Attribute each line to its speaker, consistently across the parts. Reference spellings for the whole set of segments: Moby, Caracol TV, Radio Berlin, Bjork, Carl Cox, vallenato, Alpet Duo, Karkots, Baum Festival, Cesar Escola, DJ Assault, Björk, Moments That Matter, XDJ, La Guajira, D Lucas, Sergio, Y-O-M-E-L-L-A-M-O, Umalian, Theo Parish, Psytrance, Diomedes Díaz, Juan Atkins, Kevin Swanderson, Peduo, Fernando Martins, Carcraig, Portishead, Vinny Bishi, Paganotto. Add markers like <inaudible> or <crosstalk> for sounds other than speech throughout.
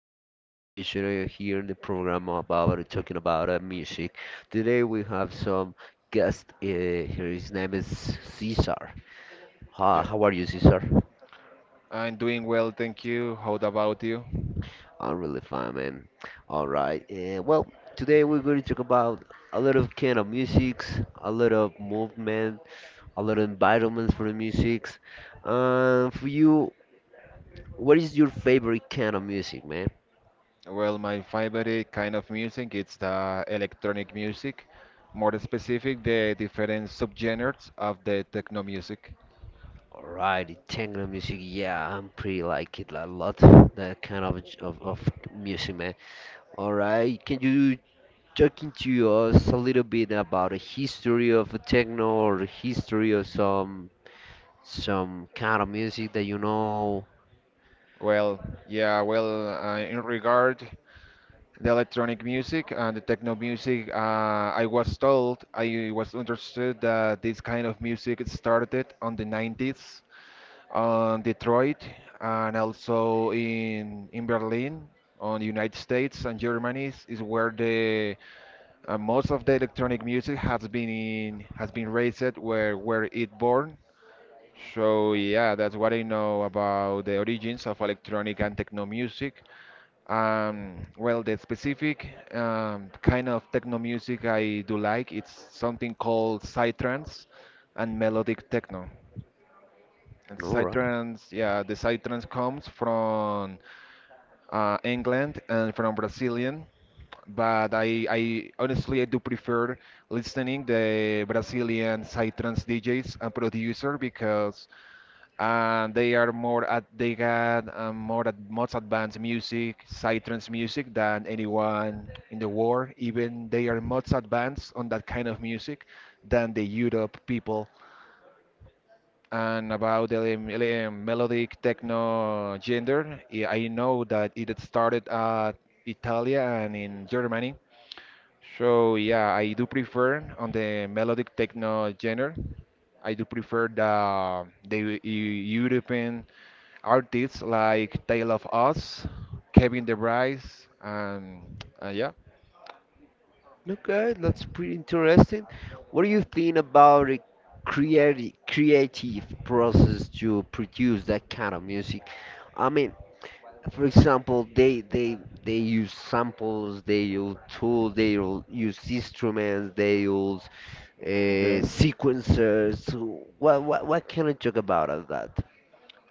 Speaker 1: the, another occasion here in the program about talking about music. Today we have some guest. Here, his name is Cesar. Hi,
Speaker 2: Yeah,
Speaker 1: how are you, Cesar?
Speaker 2: I'm doing well, thank you. How about you?
Speaker 1: I'm really fine, man. All right. Today we're going to talk about a lot of kind of musics, a lot of movement, a lot of environments for the musics. For you, what is your favorite kind of music, man?
Speaker 2: Well, my favorite kind of music it's the electronic music, more specific the different subgenres of the techno music.
Speaker 1: Alright, techno music. Yeah, I'm pretty like it a lot. That kind of music, man. Alright, can you talking to us a little bit about the history of the techno or the history of some kind of music that you know?
Speaker 2: Well, yeah, well, in regard the electronic music and the techno music, I was told, I was understood that this kind of music started on the 90s on Detroit, and also in Berlin, on the United States and Germany is where the most of the electronic music has been in, has been raised where it born. So yeah, that's what I know about the origins of electronic and techno music. Well, the specific kind of techno music I do like, it's something called psytrance and melodic techno. And
Speaker 1: Alright.
Speaker 2: Psytrance, yeah, the Psytrance comes from England and from Brazilian, but I honestly I do prefer listening the Brazilian Psytrance DJs and producer because they are more at they got more at most advanced music, Psytrance music than anyone in the world. Even they are most advanced on that kind of music than the Europe people. And about the melodic techno gender, I know that it started at Italia and in Germany. So yeah, I do prefer on the melodic techno genre. I do prefer the European artists like Tale of Us, Kevin De Bryce, and yeah.
Speaker 1: Okay, that's pretty interesting. What do you think about the creative process to produce that kind of music? I mean, for example, they use samples, they use tools, they will use instruments, they use
Speaker 2: Okay.
Speaker 1: sequencers. So what what can I talk about of that?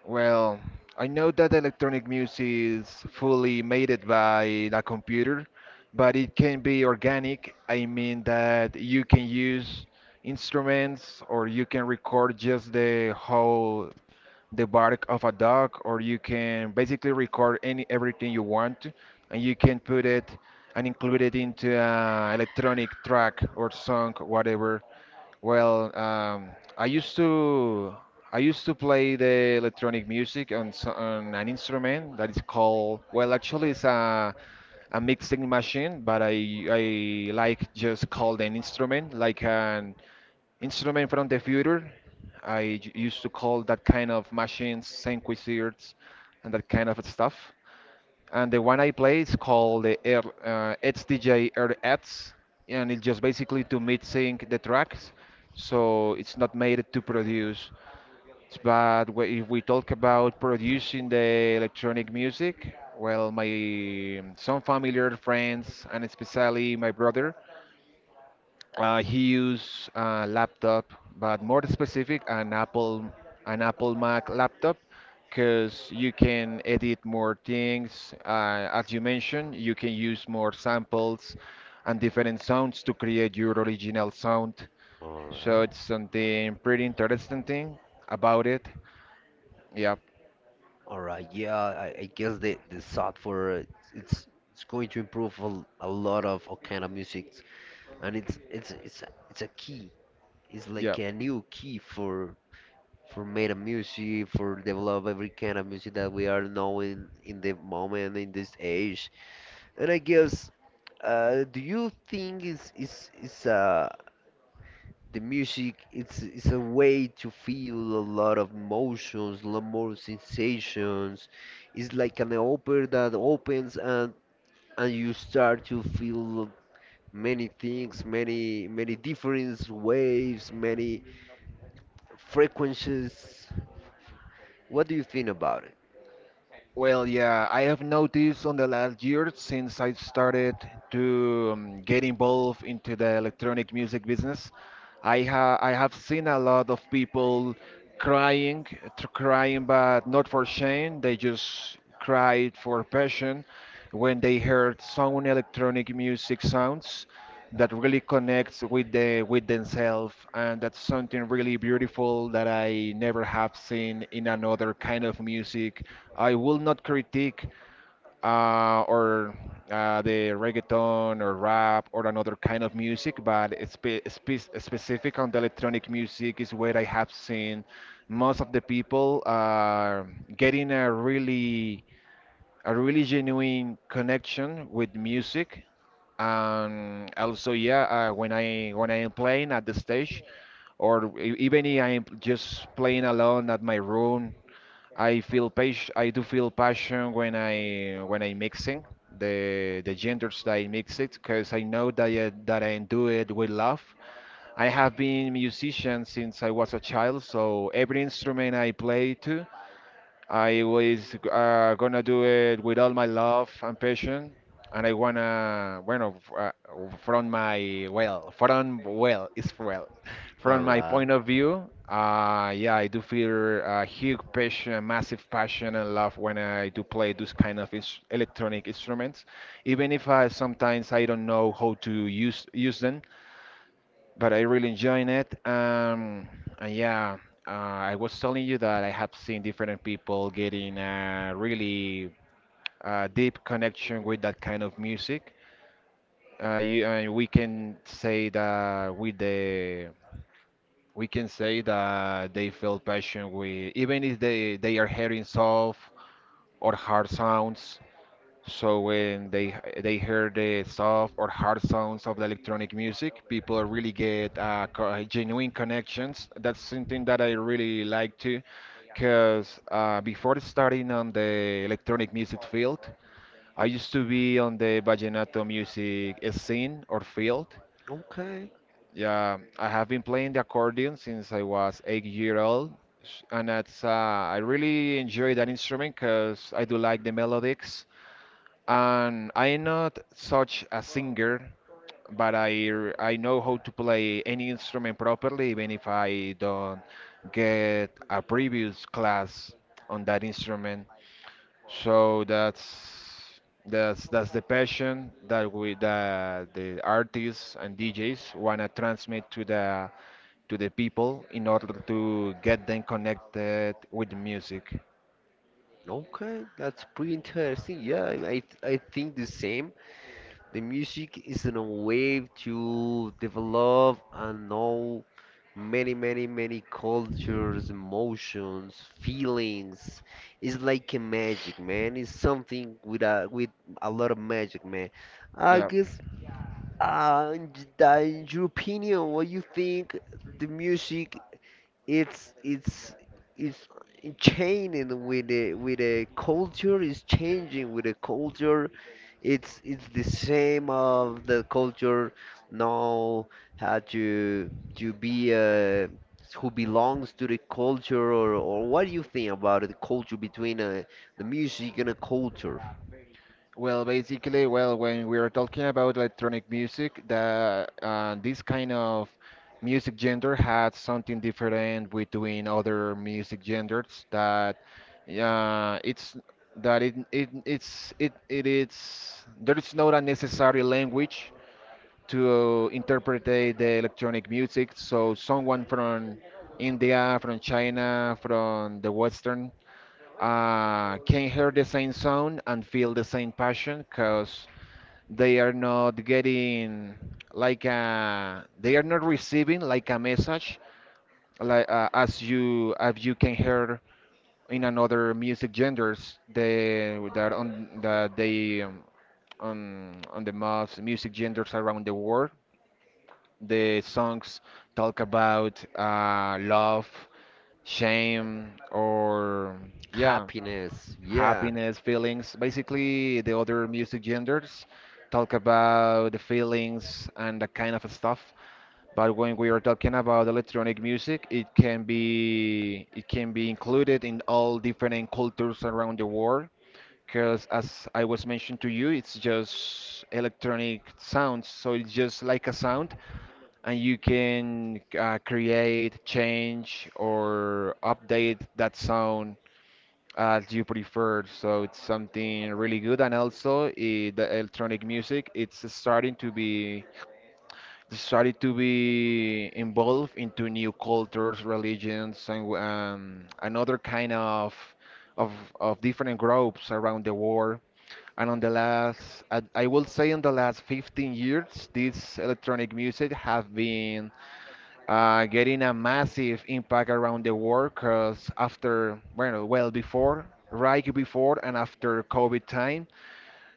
Speaker 2: Well, I know that electronic music is fully made it by a computer, but it can be organic. I mean that you can use instruments or you can record just the bark of a dog or you can basically record any everything you want and you can put it and include it into an electronic track or song, whatever. Well, I used to I used to play the electronic music on, on an instrument that is called, well, actually it's a mixing machine, but I like just called an instrument, like an instrument from the future. Used to call that kind of machines synthesizers and that kind of stuff and the one I play is called the R, XDJ and it's just basically to mid sync the tracks, so it's not made to produce. But if we talk about producing the electronic music, well, my some familiar friends and especially my brother, he used a laptop, but more specific, an Apple Mac laptop, because you can edit more things. As you mentioned, you can use more samples and different sounds to create your original sound.
Speaker 1: All
Speaker 2: So
Speaker 1: right.
Speaker 2: it's something pretty interesting thing about it. Yep,
Speaker 1: All right, yeah, I guess the software it's going to improve a lot of all kind of music, and it's a key. It's like
Speaker 2: yep.
Speaker 1: a new key for meta music, for develop every kind of music that we are knowing in the moment in this age. And I guess, do you think it's the music it's a way to feel a lot of emotions, a lot more sensations. It's like an open that opens and you start to feel many things, many different waves, many frequencies. What do you think about it?
Speaker 2: Well, yeah, I have noticed on the last year since I started to get involved into the electronic music business, I have seen a lot of people crying, crying, but not for shame. They just cried for passion when they heard some electronic music sounds that really connects with the with themselves and that's something really beautiful that I never have seen in another kind of music. I will not critique or the reggaeton or rap or another kind of music, but it's specific on the electronic music is where I have seen most of the people getting a really genuine connection with music and also, yeah, when I am playing at the stage, or even if I am just playing alone at my room, I do feel passion when I mixing the genders that I mix it, because I know that I do it with love. I have been musician since I was a child, so every instrument I play to. I was gonna do it with all my love and passion, and I wanna, bueno, f- from my well, from well, it's well,
Speaker 1: All
Speaker 2: from my
Speaker 1: right.
Speaker 2: point of view, yeah, I do feel a huge passion, massive passion and love when I do play those kind of ins electronic instruments, even if I sometimes I don't know how to use them but I really enjoying it. And yeah, I was telling you that I have seen different people getting a really deep connection with that kind of music. You, and we can say that with the We can say that they feel passion with even if they are hearing soft or hard sounds so when they they hear the soft or hard sounds of the electronic music, people really get genuine connections. That's something that I really like too, because before starting on the electronic music field, I used to be on the vallenato music scene or field.
Speaker 1: Okay.
Speaker 2: Yeah, I have been playing the accordion since I was 8 year old, and that's I really enjoy that instrument because I do like the melodies and I'm not such a singer, but I know how to play any instrument properly, even if I don't get a previous class on that instrument. So that's that's the passion that the artists and DJs wanna transmit to the people in order to get them connected with music.
Speaker 1: Okay, that's pretty interesting. Yeah, I think the same. The music is in a way to develop and know many, many, many cultures, emotions, feelings. It's like a magic, man. It's something with a lot of magic, man. I
Speaker 2: Yeah.
Speaker 1: guess, in your opinion, what you think the music it's it's it's changing with the culture, is changing with the culture, it's the same of the culture now, how to be who belongs to the culture, or what do you think about the culture between the music and the culture?
Speaker 2: Well, basically, well, when we are talking about electronic music, the this kind of music genre had something different between other music genres that it's that it it's it it is there is not a necessary language to interpret the electronic music. So someone from India, from China, from the Western can hear the same sound and feel the same passion because they are not getting they are not receiving like a message like as you can hear in another music genders they that on that they on the most music genders around the world the songs talk about love, shame, or yeah,
Speaker 1: Happiness, yeah.
Speaker 2: happiness, feelings. Basically, the other music genders talk about the feelings and that kind of stuff. But when we are talking about electronic music, it can be included in all different cultures around the world. Because as I was mentioned to you, it's just electronic sounds. So it's just like a sound, and you can create, change, or update that sound as you prefer. So it's something really good, and also eh, the electronic music it's starting to be involved into new cultures, religions, and another kind of of of different groups around the world. And on the last, I will say, in the last 15 years, this electronic music have been getting a massive impact around the world because after, before, right before and after COVID time,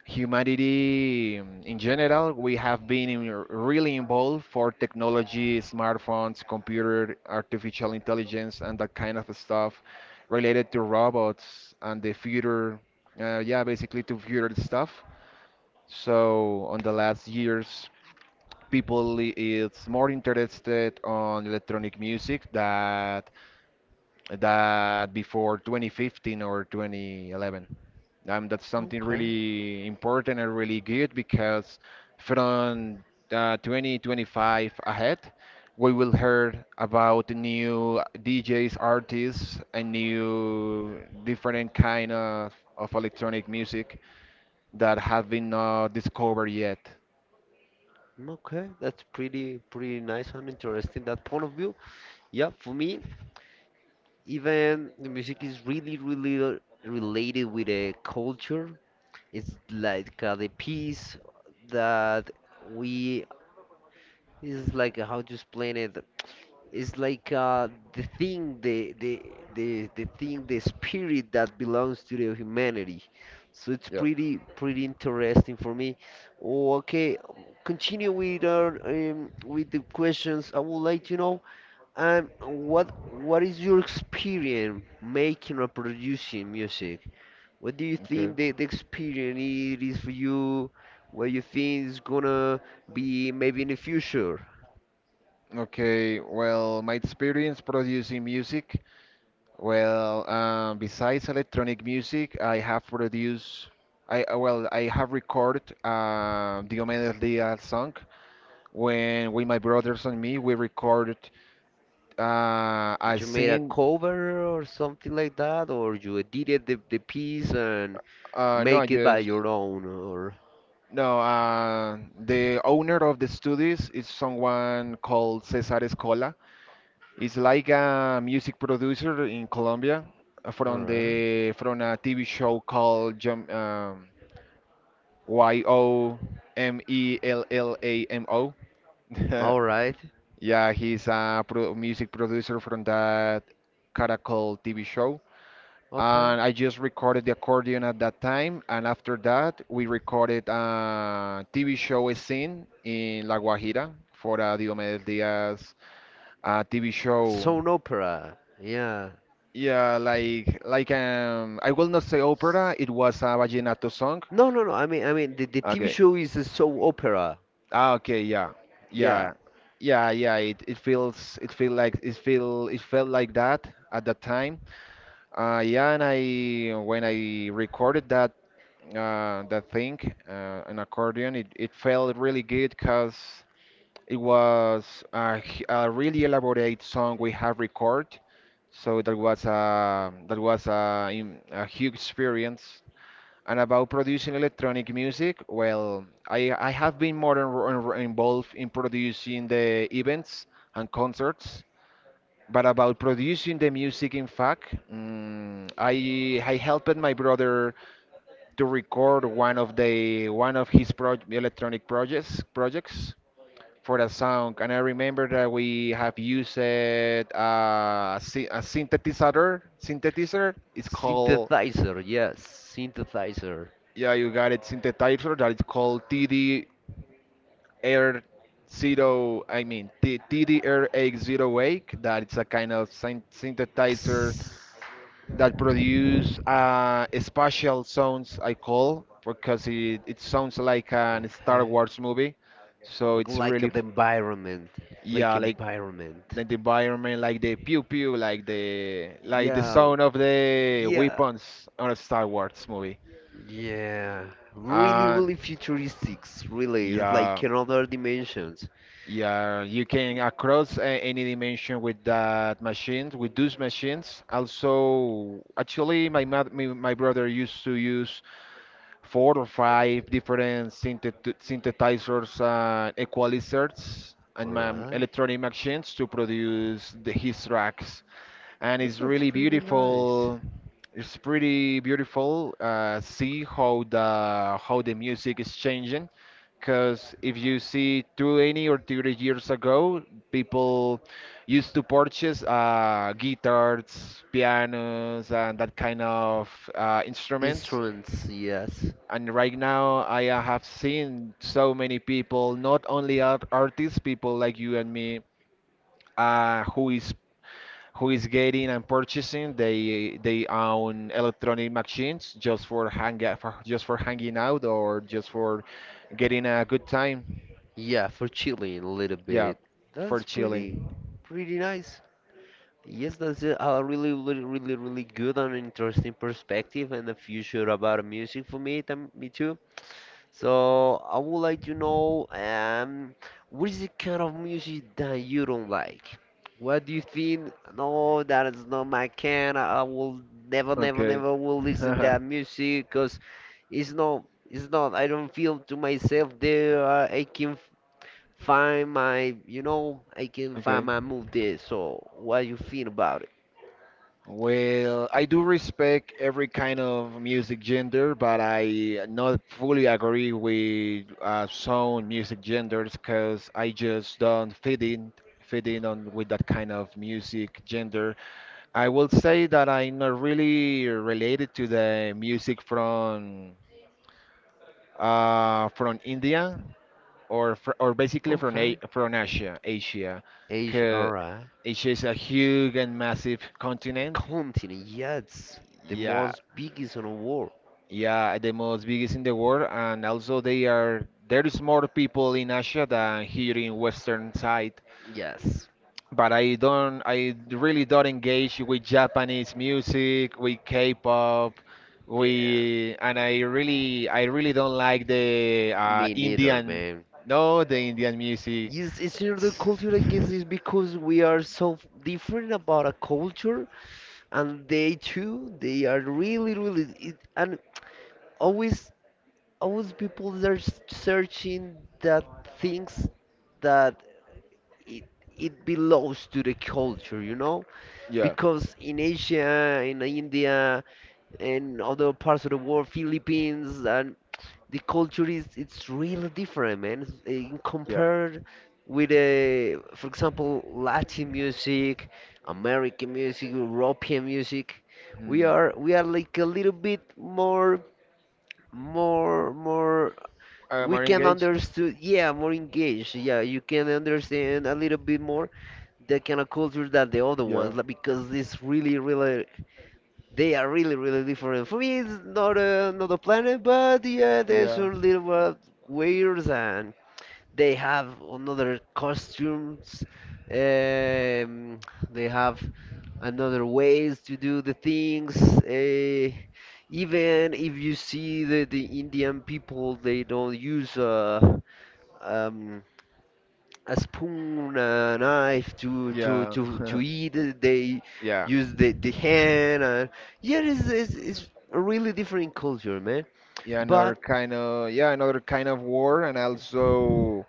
Speaker 2: humanity in general, we have been really involved for technology, smartphones, computer, artificial intelligence, and that kind of stuff related to robots and the future, yeah, basically to future stuff. So on the last years, people is more interested on electronic music that before 2015 or 2011. That's something
Speaker 1: Okay.
Speaker 2: really important and really good because from 2025 ahead, we will hear about new DJs, artists, and new different kind of electronic music that have been not discovered yet.
Speaker 1: Okay, that's pretty pretty nice and interesting that point of view. Yeah, for me, even the music is really really related with a culture. It's like the piece that we is like how to explain it. It's like the thing, the thing, the spirit that belongs to the humanity. So it's
Speaker 2: Yeah.
Speaker 1: pretty pretty interesting for me. Oh, okay, continue with our with the questions. I would like to know what is your experience making or producing music? What do you
Speaker 2: Okay.
Speaker 1: think the experience it is for you? What you think is gonna be maybe in the future?
Speaker 2: Okay, well, my experience producing music, well, besides electronic music, I have produced, I well, I have recorded Diomedes Díaz song when with my brothers and me we recorded a
Speaker 1: You made a
Speaker 2: singing.
Speaker 1: cover or something like that, or you edited the piece and
Speaker 2: No, I
Speaker 1: make it by
Speaker 2: just
Speaker 1: your own, or
Speaker 2: no. The owner of the studios is someone called Cesar Escola. It's like a music producer in Colombia
Speaker 1: all right,
Speaker 2: from a TV show called Jum, Yomellamo <laughs>
Speaker 1: all right,
Speaker 2: Yeah, he's a pro music producer from that Caracol TV show.
Speaker 1: okay.
Speaker 2: And I just recorded the accordion at that time. And after that, we recorded a TV show scene in La Guajira for Diomedes Díaz TV show.
Speaker 1: Soap opera, yeah.
Speaker 2: Yeah, like, I will not say opera. It was a vallenato song.
Speaker 1: No, no, no. I mean, the TV
Speaker 2: Okay.
Speaker 1: show is a soap opera.
Speaker 2: Ah, okay. Yeah.
Speaker 1: Yeah.
Speaker 2: Yeah. Yeah. It it feels it feel like it feel it felt like that at that time. Yeah. And I when I recorded that thing an accordion, it felt really good because it was a really elaborate song we have recorded. So that was a huge experience. And about producing electronic music, well, I have been more involved in producing the events and concerts. But about producing the music, in fact, I helped my brother to record one of his pro electronic projects for the song. And I remember that we have used a synthesizer. Synthesizer. It's called
Speaker 1: Synthesizer, yes, synthesizer.
Speaker 2: yeah, you got it. Synthetizer that is called TD Air Zero. I mean T TD Air X Zero Wake. That it's a kind of synthetizer that produce spatial sounds. I call because it sounds like an Star
Speaker 1: Okay.
Speaker 2: Wars movie. So
Speaker 1: Oh,
Speaker 2: it's
Speaker 1: like
Speaker 2: really
Speaker 1: the environment, like
Speaker 2: yeah,
Speaker 1: environment.
Speaker 2: like the environment, like the pew pew, like the
Speaker 1: Yeah,
Speaker 2: sound of the
Speaker 1: yeah,
Speaker 2: weapons on a Star Wars movie.
Speaker 1: yeah. Really,
Speaker 2: Uh,
Speaker 1: really futuristics. Really, it's like
Speaker 2: yeah.
Speaker 1: another dimensions.
Speaker 2: Yeah, you can across any dimension with that machines, with those machines. Also, actually, my brother used to use four or five different synthesizers and equalizers
Speaker 1: All
Speaker 2: and
Speaker 1: right.
Speaker 2: electronic machines to produce his tracks and
Speaker 1: Well,
Speaker 2: it's
Speaker 1: that's
Speaker 2: really
Speaker 1: pretty nice.
Speaker 2: beautiful. It's pretty beautiful. See how the music is changing, because if you see 20 or 30 years ago, people used to purchase guitars, pianos, and that kind of instruments.
Speaker 1: Instruments, yes.
Speaker 2: And right now, I have seen so many people, not only artists, people like you and me, uh, who is who is getting and purchasing they own electronic machines just for hang for just for hanging out or just for getting a good time,
Speaker 1: Yeah, for chilling a little
Speaker 2: yeah,
Speaker 1: bit.
Speaker 2: for
Speaker 1: That's pretty,
Speaker 2: chilling.
Speaker 1: pretty nice. Yes, that's a really, really, really, really good and interesting perspective and the future about music for me, me too. So I would like to know what is the kind of music that you don't like? What do you think? No, that is not my kind. I will never, never,
Speaker 2: Okay.
Speaker 1: never will listen
Speaker 2: <laughs>
Speaker 1: that music because it's not, it's not. I don't feel to myself there. I can find my, you know, I can find
Speaker 2: Okay,
Speaker 1: my move there. So what you feel about it?
Speaker 2: well, I do respect every kind of music gender, but I not fully agree with some music genders because I just don't fit in on with that kind of music gender. I will say that I'm not really related to the music from India or basically from
Speaker 1: Okay.
Speaker 2: a from Asia, Asia,
Speaker 1: Age,
Speaker 2: 'cause
Speaker 1: alright.
Speaker 2: Asia is a huge and massive
Speaker 1: A
Speaker 2: continent.
Speaker 1: continent, yes, the
Speaker 2: Yeah,
Speaker 1: most biggest in the world.
Speaker 2: yeah, the most biggest in the world, and also they are there is more people in Asia than here in Western side,
Speaker 1: Yes.
Speaker 2: but I really don't engage with Japanese music, with K-pop,
Speaker 1: Yeah.
Speaker 2: we and I really don't like the
Speaker 1: Me neither,
Speaker 2: Indian,
Speaker 1: man.
Speaker 2: no, the Indian music.
Speaker 1: Yes, it's not the
Speaker 2: It's-
Speaker 1: culture, I guess,
Speaker 2: <laughs>
Speaker 1: is because we are so different about a culture, and they too, they are really, really, it, and always, always people are searching that things that it it belongs to the culture, you know,
Speaker 2: Yeah,
Speaker 1: because in Asia, in India, and other parts of the world, Philippines, and the culture is it's really different, man. It's- eh, in
Speaker 2: yeah.
Speaker 1: compared with for example, Latin music, American music, European music,
Speaker 2: Hmm.
Speaker 1: we are like a little bit more more more
Speaker 2: I
Speaker 1: we
Speaker 2: more
Speaker 1: can
Speaker 2: engaged.
Speaker 1: understood, yeah, more engaged, yeah, you can understand a little bit more the kind of culture that the other
Speaker 2: Yeah,
Speaker 1: ones like, because it's really really they are really really different for me it's not a not a planet but yeah there's
Speaker 2: yeah.
Speaker 1: a little bit weird and they have another costumes. Um, they have another ways to do the things. Even if you see the Indian people, they don't use um, a spoon, a knife
Speaker 2: Yeah. <laughs>
Speaker 1: to eat. They
Speaker 2: Yeah,
Speaker 1: use the hand. And, yeah, it's a really different culture, man.
Speaker 2: yeah. Another
Speaker 1: But
Speaker 2: kind of, yeah, another kind of war, and also.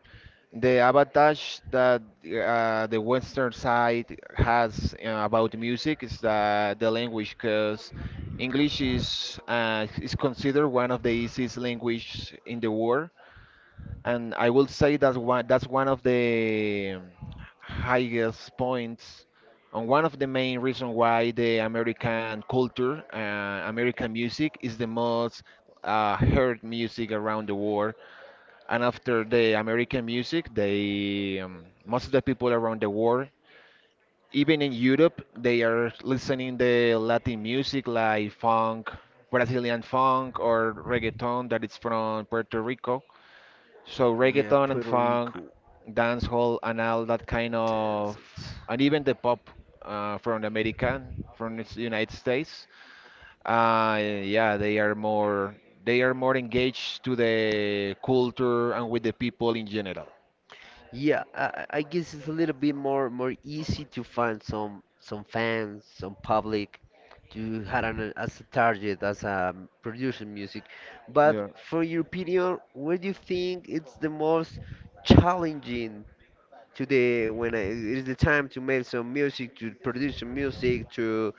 Speaker 2: The advantage that the Western side has about music is the language, because English is considered one of the easiest language in the world, and I will say that's one of the highest points, and one of the main reasons why the American culture, American music, is the most heard music around the world. And after the American music, they most of the people around the world, even in Europe, they are listening the Latin music like funk, Brazilian funk, or reggaeton that is from Puerto Rico. So
Speaker 1: yeah,
Speaker 2: reggaeton and
Speaker 1: Puerto
Speaker 2: funk,
Speaker 1: Rico.
Speaker 2: dancehall, and all that kind of,
Speaker 1: Dancers.
Speaker 2: and even the pop from America, from the United States. Yeah, they are more engaged to the culture and with the people in general.
Speaker 1: Yeah, I guess it's a little bit more more easy to find some fans, some public to have an, as a target, as a producing music. But
Speaker 2: Yeah.
Speaker 1: for your opinion, what do you think it's the most challenging today when I, it is the time to make some music, to produce some music,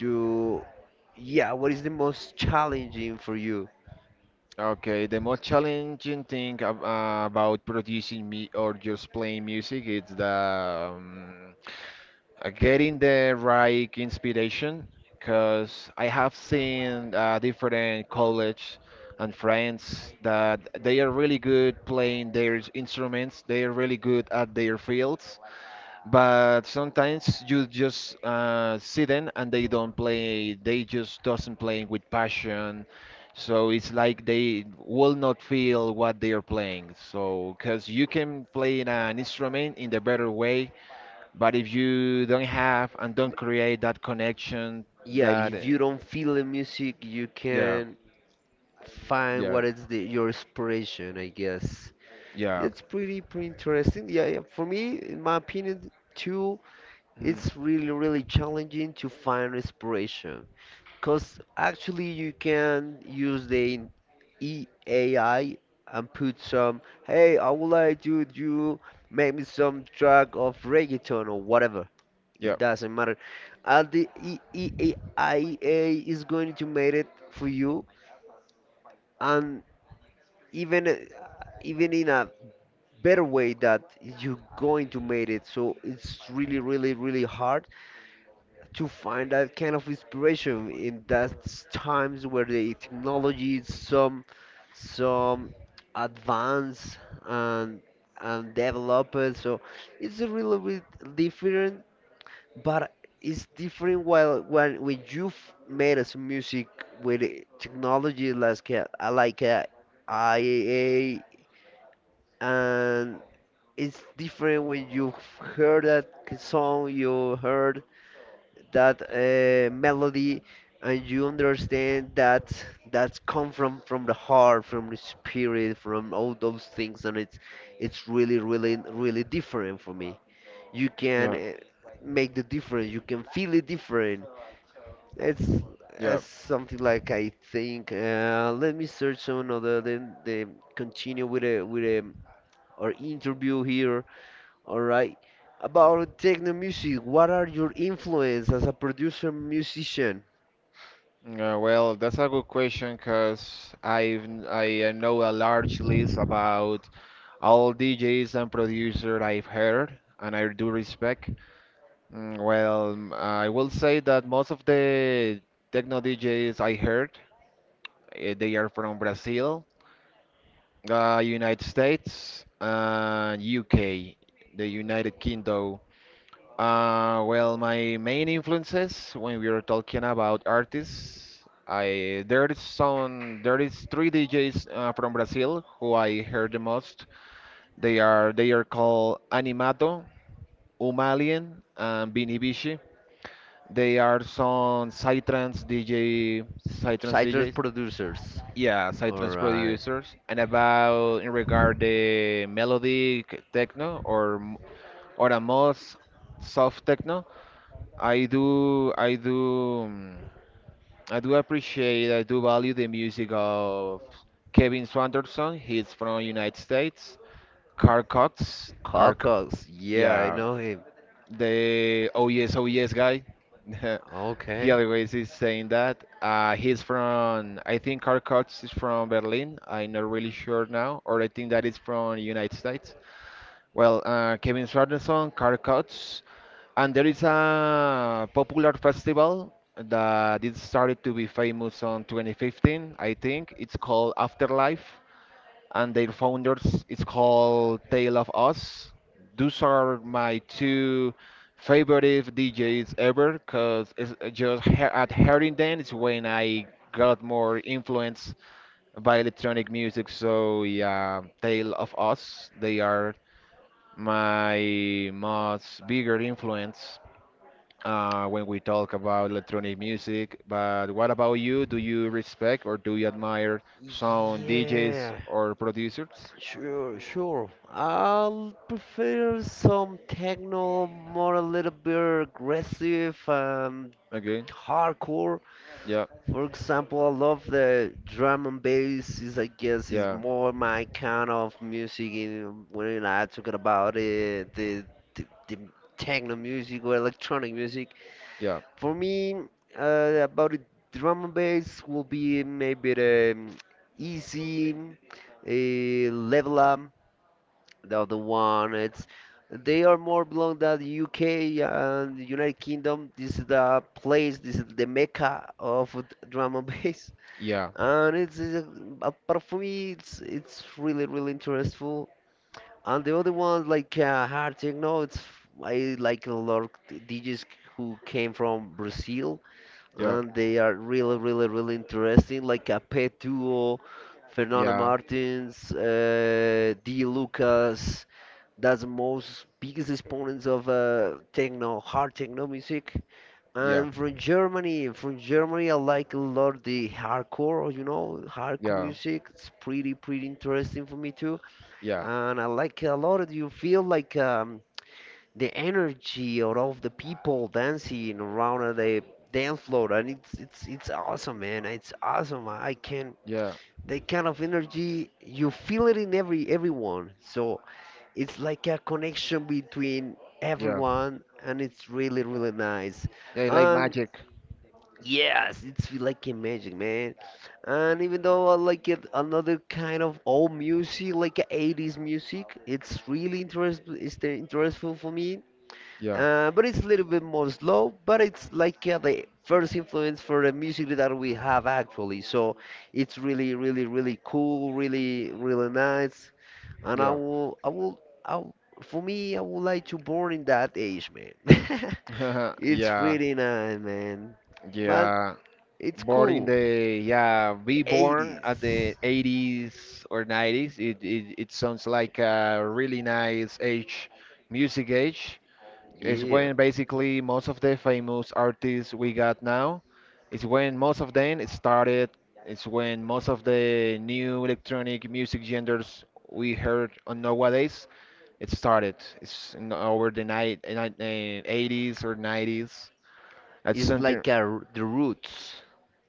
Speaker 1: to yeah, what is the most challenging for you?
Speaker 2: Okay. The most challenging thing about producing me or just playing music is the getting the right inspiration. Because I have seen different college and friends that they are really good playing their instruments. They are really good at their fields, but sometimes you just see them and they don't play. They just doesn't playing with passion. So it's like they will not feel what they are playing. So because you can play in an instrument in the better way, but if you don't have and don't create that connection,
Speaker 1: Yeah,
Speaker 2: that
Speaker 1: if you don't feel the music, you
Speaker 2: yeah,
Speaker 1: can find
Speaker 2: yeah,
Speaker 1: what is the your inspiration, I guess.
Speaker 2: yeah,
Speaker 1: It's pretty pretty interesting. Yeah, yeah. For me, in my opinion, too,
Speaker 2: mm,
Speaker 1: it's really really challenging to find inspiration, cause actually you can use the E A I and put some, hey, I would like to do make me some track of reggaeton or whatever.
Speaker 2: yeah,
Speaker 1: It doesn't matter. All the I A is going to make it for you, and even even in a better way that you're going to make it. So it's really, really, really hard to find that kind of inspiration in those times where the technology is some advanced and and developed. So it's a really bit different but it's different while when you made some music with a technology like I like IAA and it's different when you heard that song you heard that melody and you understand that that's come from the heart from the spirit from all those things and it's really really really different for me you can
Speaker 2: yeah,
Speaker 1: make the difference you can feel it different it's
Speaker 2: yeah.
Speaker 1: as something like I think let me search on other then the continue with a our interview here all right about techno music what are your influence as a producer musician
Speaker 2: Well, that's a good question because I know a large list about all DJs and producers I've heard and I do respect. Mm. Well, mm, I will say that most of the techno DJs I heard, they are from Brazil, United States, and UK, the United Kingdom. Well, my main influences when we are talking about artists, I there is three DJs from Brazil who I heard the most. They are called Animato, Umalian and Vinny Bishi. They are some Psytrance DJ, Psytrance
Speaker 1: citrus
Speaker 2: DJs.
Speaker 1: producers
Speaker 2: Yeah,
Speaker 1: all
Speaker 2: Psytrance
Speaker 1: right
Speaker 2: producers. And about in regard the melodic techno or a more soft techno, I do I do mm, I do appreciate, I do value the music of Kevin Swanderson. He's from United States. Carl Cox,
Speaker 1: Kalkox, yeah, I
Speaker 2: yeah,
Speaker 1: know him.
Speaker 2: the oh yes, oh yes guy. <laughs> He
Speaker 1: Okay.
Speaker 2: always is saying that. He's from, I think Karkots is from Berlin. I'm not really sure now, or I think that is from United States. Well, Kevin Swardson, Karkots, and there is a popular festival that it started to be famous on 2015, I think. It's called Afterlife and their founders it's called Tale of Us. Those are my two favorite DJs ever because just he at hearing them is when I got more influenced by electronic music. So yeah, Tale of Us, they are my most bigger influence when we talk about electronic music. But what about you? Do you respect or do you admire some DJs
Speaker 1: Yeah,
Speaker 2: or producers?
Speaker 1: sure, sure. I'll prefer some techno, more a little bit aggressive and
Speaker 2: Okay.
Speaker 1: hardcore.
Speaker 2: Yeah,
Speaker 1: For example, I love the drum and bass is I guess is
Speaker 2: yeah,
Speaker 1: more my kind of music in, when I talking about it, the techno music or electronic music.
Speaker 2: yeah,
Speaker 1: For me, about the drum and bass will be maybe the easy level up. The other one, it's they are more belong to the UK and United Kingdom. This is the place, this is the mecca of drum and <laughs> bass
Speaker 2: yeah,
Speaker 1: and it's apart from me, it's really really interesting. And the other ones like hard techno, it's I like a lot of DJs who came from Brazil,
Speaker 2: yeah,
Speaker 1: and they are really really really interesting, like a Pet Duo, Fernando
Speaker 2: yeah,
Speaker 1: Martins, D Lucas. That's the most biggest exponents of techno, hard techno music.
Speaker 2: yeah,
Speaker 1: I'm from Germany. From Germany, I like a lot the hardcore, you know, hardcore
Speaker 2: yeah,
Speaker 1: music. It's pretty, pretty interesting for me too.
Speaker 2: yeah,
Speaker 1: And I like a lot of you feel like the energy out of the people dancing around on the dance floor, and it's awesome, man. It's awesome. I can
Speaker 2: yeah,
Speaker 1: that kind of energy you feel it in every everyone. So it's like a connection between
Speaker 2: yeah,
Speaker 1: everyone, and it's really, really nice.
Speaker 2: yeah, like
Speaker 1: And
Speaker 2: magic.
Speaker 1: yes, it's feel like a magic, man. And even though I like it, another kind of old music, like a eighties music, it's really interest, it's the- interesting for me.
Speaker 2: Yeah,
Speaker 1: But it's a little bit more slow, but it's like the first influence for the music that we have actually. So it's really, really, really cool, really, really nice. And
Speaker 2: yeah,
Speaker 1: I will, for me, I would like to born in that age, man. <laughs>
Speaker 2: <laughs>
Speaker 1: It's
Speaker 2: yeah,
Speaker 1: pretty nice, man. But
Speaker 2: yeah.
Speaker 1: it's
Speaker 2: Born in
Speaker 1: cool.
Speaker 2: the, yeah, be born at
Speaker 1: 80s.
Speaker 2: the 80s or 90s. It sounds like a really nice age, music age. It's
Speaker 1: Yeah.
Speaker 2: when basically most of the famous artists we got now, it's when most of them started. It's when most of the new electronic music genres we heard on nowadays it started. It's in over the night, eighties or nineties. That's
Speaker 1: It's
Speaker 2: something,
Speaker 1: like a r the roots.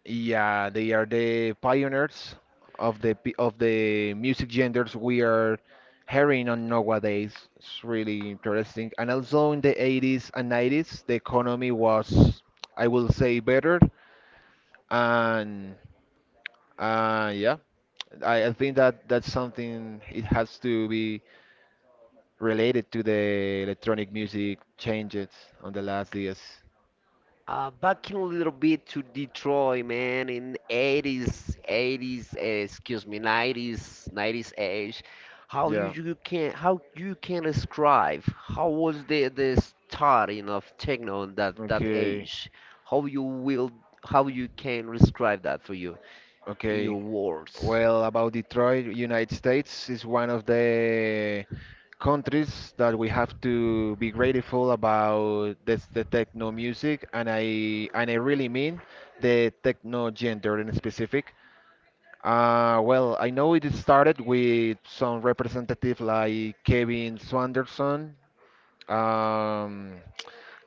Speaker 2: yeah, they are the pioneers of the music genders we are hearing on nowadays. It's really interesting. And also in the 80s and 90s, the economy was, I will say, better. And yeah, I think that that's something it has to be related to the electronic music changes on the last years.
Speaker 1: Back in a little bit to Detroit, man, in 80s, 90s, age. How you,
Speaker 2: Yeah.
Speaker 1: you can how you can describe how was the starting of techno in that
Speaker 2: Okay.
Speaker 1: age? How you will how you can describe that for you?
Speaker 2: Okay.
Speaker 1: Your words.
Speaker 2: Well, about Detroit, United States is one of the countries that we have to be grateful about this, the techno music, and I really mean the techno gender in specific. Well, I know it started with some representative like Kevin Swanderson. Um,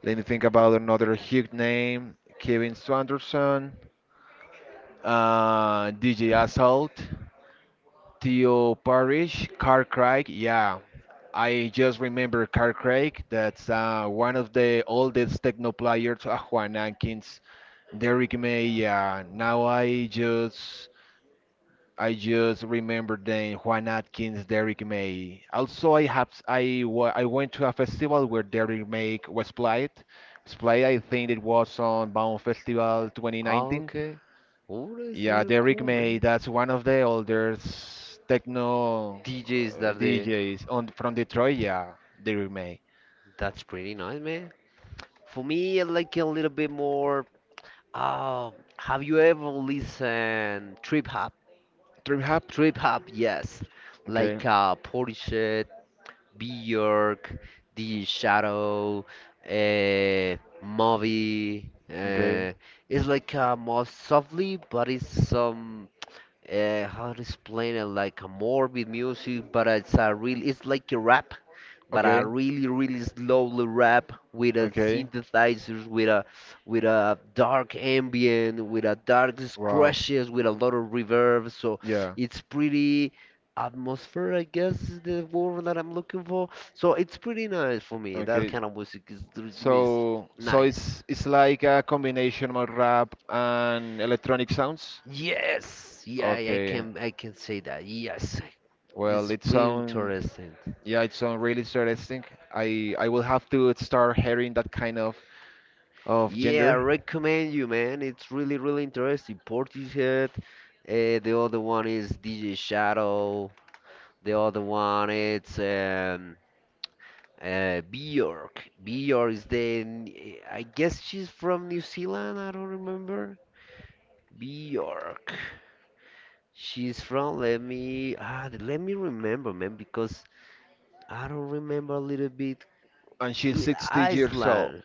Speaker 2: Let me think about another huge name, Kevin Swanderson, DJ Assault. Theo Parish, Carcraig. Yeah, I just remember Carcraig. That's one of the oldest techno players, Juan Atkins, Derek May. Yeah, now I just remember them, Juan Atkins, Derek May. Also, I have I wa- I went to a festival where Derek May was played. Was played. I think it was on Baum Festival
Speaker 1: Ah,
Speaker 2: 2019.
Speaker 1: okay. Oh, that's
Speaker 2: Yeah,
Speaker 1: really
Speaker 2: Derrick
Speaker 1: cool,
Speaker 2: May,
Speaker 1: man.
Speaker 2: that's one of the oldest techno
Speaker 1: DJs that they.
Speaker 2: DJs on from Detroit. Yeah, Derrick May.
Speaker 1: That's pretty nice, man. For me, I like a little bit more. Uh, have you ever listened trip hop?
Speaker 2: Trip Hop.
Speaker 1: Trip hop, yes.
Speaker 2: Okay,
Speaker 1: Like Portishead, Bjork, The Shadow, uh, Moby.
Speaker 2: okay,
Speaker 1: It's like a more softly, but it's some how to explain it like a morbid music, but it's a real. It's like a rap, but I
Speaker 2: okay,
Speaker 1: really slowly rap with a
Speaker 2: okay.
Speaker 1: synthesizers with a dark ambient with a dark
Speaker 2: Wow.
Speaker 1: scratches with a lot of reverb, so
Speaker 2: Yeah.
Speaker 1: it's pretty atmosphere, I guess is the word that I'm looking for. So it's pretty nice for me, that
Speaker 2: Okay.
Speaker 1: kind of music is
Speaker 2: So, so
Speaker 1: nice,
Speaker 2: it's like a combination of rap and electronic sounds.
Speaker 1: yes, yeah, I
Speaker 2: Okay.
Speaker 1: can I can say that, yes,
Speaker 2: Well,
Speaker 1: it's
Speaker 2: it
Speaker 1: pretty
Speaker 2: sound,
Speaker 1: interesting.
Speaker 2: yeah, it sound really interesting. I will have to start hearing that kind of
Speaker 1: Yeah, I
Speaker 2: gender.
Speaker 1: recommend you, man. It's really, really interesting. Portishead. The other one is DJ Shadow. The other one it's Bjork. Bjork is the I guess she's from New Zealand. I don't remember. Bjork. She's from. Let me. Ah, let me remember, man, because I don't remember a little bit.
Speaker 2: And she's 60 years old.
Speaker 1: Iceland.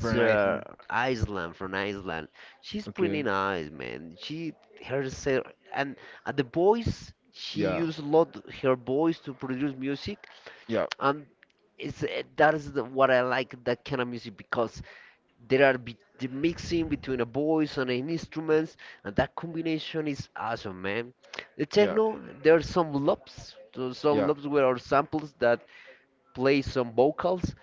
Speaker 2: For an item.
Speaker 1: Iceland, from Iceland. She's pretty
Speaker 2: Okay.
Speaker 1: nice, man. She herself, and at the voice, she
Speaker 2: Yeah.
Speaker 1: used a lot her voice to produce music,
Speaker 2: Yeah.
Speaker 1: and it's that is the, what I like that kind of music, because there are be, the mixing between a voice and an instruments, and that combination is awesome, man. The
Speaker 2: Yeah.
Speaker 1: techno, there are some loops, so some
Speaker 2: Yeah.
Speaker 1: loops where are samples that play some vocals,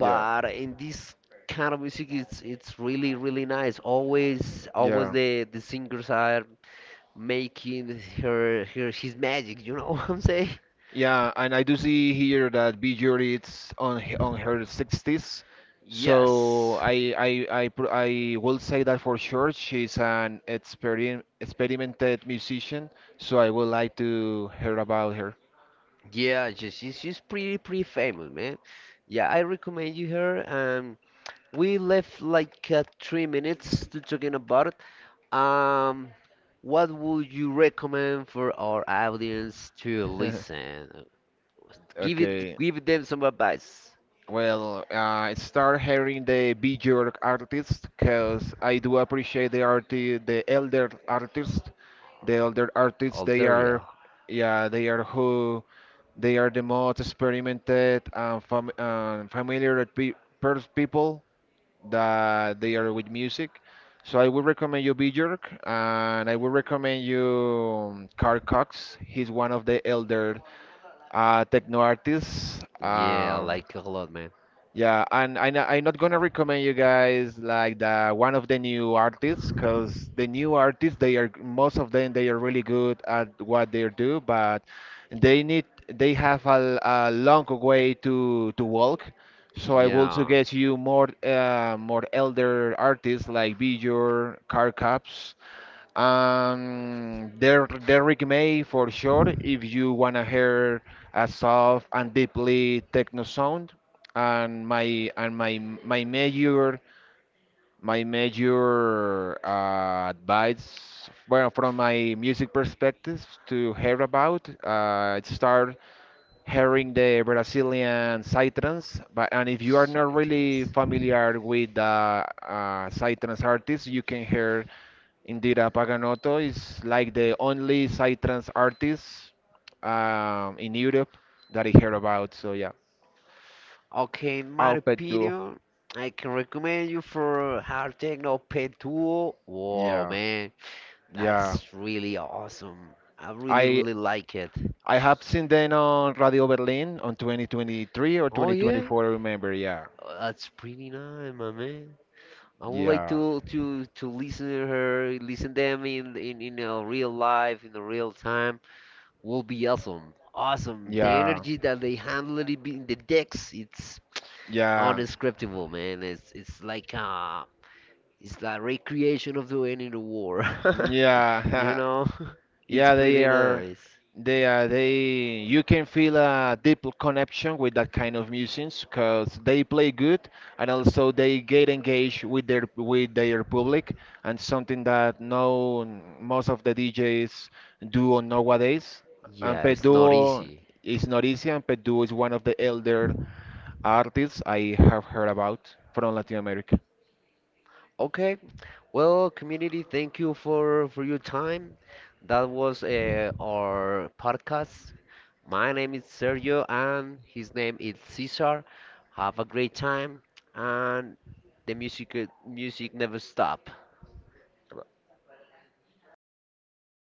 Speaker 2: Yeah.
Speaker 1: in this kind of music, it's really really nice. Always, always
Speaker 2: Yeah.
Speaker 1: the singers are making her his magic. You know <laughs> what I'm saying?
Speaker 2: Yeah. And I do see here that B Jury it's on her 60s. So
Speaker 1: Yes.
Speaker 2: I will say that for sure she's an experimented musician. So I would like to hear about her.
Speaker 1: Yeah, she's pretty pretty famous, man. Yeah, I recommend you her. We left like three minutes to talking about it. Um, what would you recommend for our audience to
Speaker 2: <laughs>
Speaker 1: listen? Give it,
Speaker 2: Okay.
Speaker 1: give them some advice.
Speaker 2: Well, I start hearing the bigger artists because I do appreciate the elder artists. The elder artists,
Speaker 1: Alderia.
Speaker 2: yeah, they are the most experimented and familiar with pe per people that they are with music. So I would recommend you Björk, and I would recommend you Carl Cox. He's one of the elder techno artists.
Speaker 1: Yeah, I like it a lot, man.
Speaker 2: Yeah, and I'm not gonna recommend you guys like the one of the new artists, cause the new artists they are most of them they are really good at what they do, but they have a long way to walk. So I will
Speaker 1: Yeah.
Speaker 2: suggest you more more elder artists like Bijur, Car Caps. Derrick May for sure, if you wanna hear a soft and deeply techno sound, and my major advice, well, from my music perspective to hear about, start hearing the Brazilian psytrance. But and if you are not really
Speaker 1: Citrus.
Speaker 2: familiar with the psytrance artists, you can hear indeed, Paganotto is like the only psytrance artist in Europe that I hear about. So yeah,
Speaker 1: Okay, in my
Speaker 2: Alpet Duo.
Speaker 1: opinion, I can recommend you for Hard Techno Pen 2. Whoa,
Speaker 2: Yeah,
Speaker 1: man.
Speaker 2: yeah.
Speaker 1: That's really awesome. I really,
Speaker 2: I
Speaker 1: really like it.
Speaker 2: I have seen them on Radio Berlin on 2023 or
Speaker 1: Oh yeah.
Speaker 2: 2024. I remember. Yeah,
Speaker 1: Oh, that's pretty nice, my man. I would like
Speaker 2: yeah,
Speaker 1: to listen to her, listen them in a real life, in a real time. Will be awesome, awesome. The
Speaker 2: yeah,
Speaker 1: energy that they handle it in the decks, it's
Speaker 2: yeah,
Speaker 1: unscriptable, man. It's like recreation of the end in the war. <laughs> You
Speaker 2: yeah. <laughs>
Speaker 1: know? <laughs> It's
Speaker 2: Yeah, they
Speaker 1: pretty
Speaker 2: are.
Speaker 1: nice.
Speaker 2: They are. They. You can feel a deep connection with that kind of musicians because they play good and also they get engaged with their public and something that no most of the DJs do on nowadays. And
Speaker 1: Yeah, it's not
Speaker 2: Peduo
Speaker 1: easy.
Speaker 2: is not easy, and Peduo is one of the elder artists I have heard about from Latin America.
Speaker 1: Okay, well, community, thank you for your time. That was our podcast. My name is Sergio and his name is Cesar. Have a great time, and the music never stop.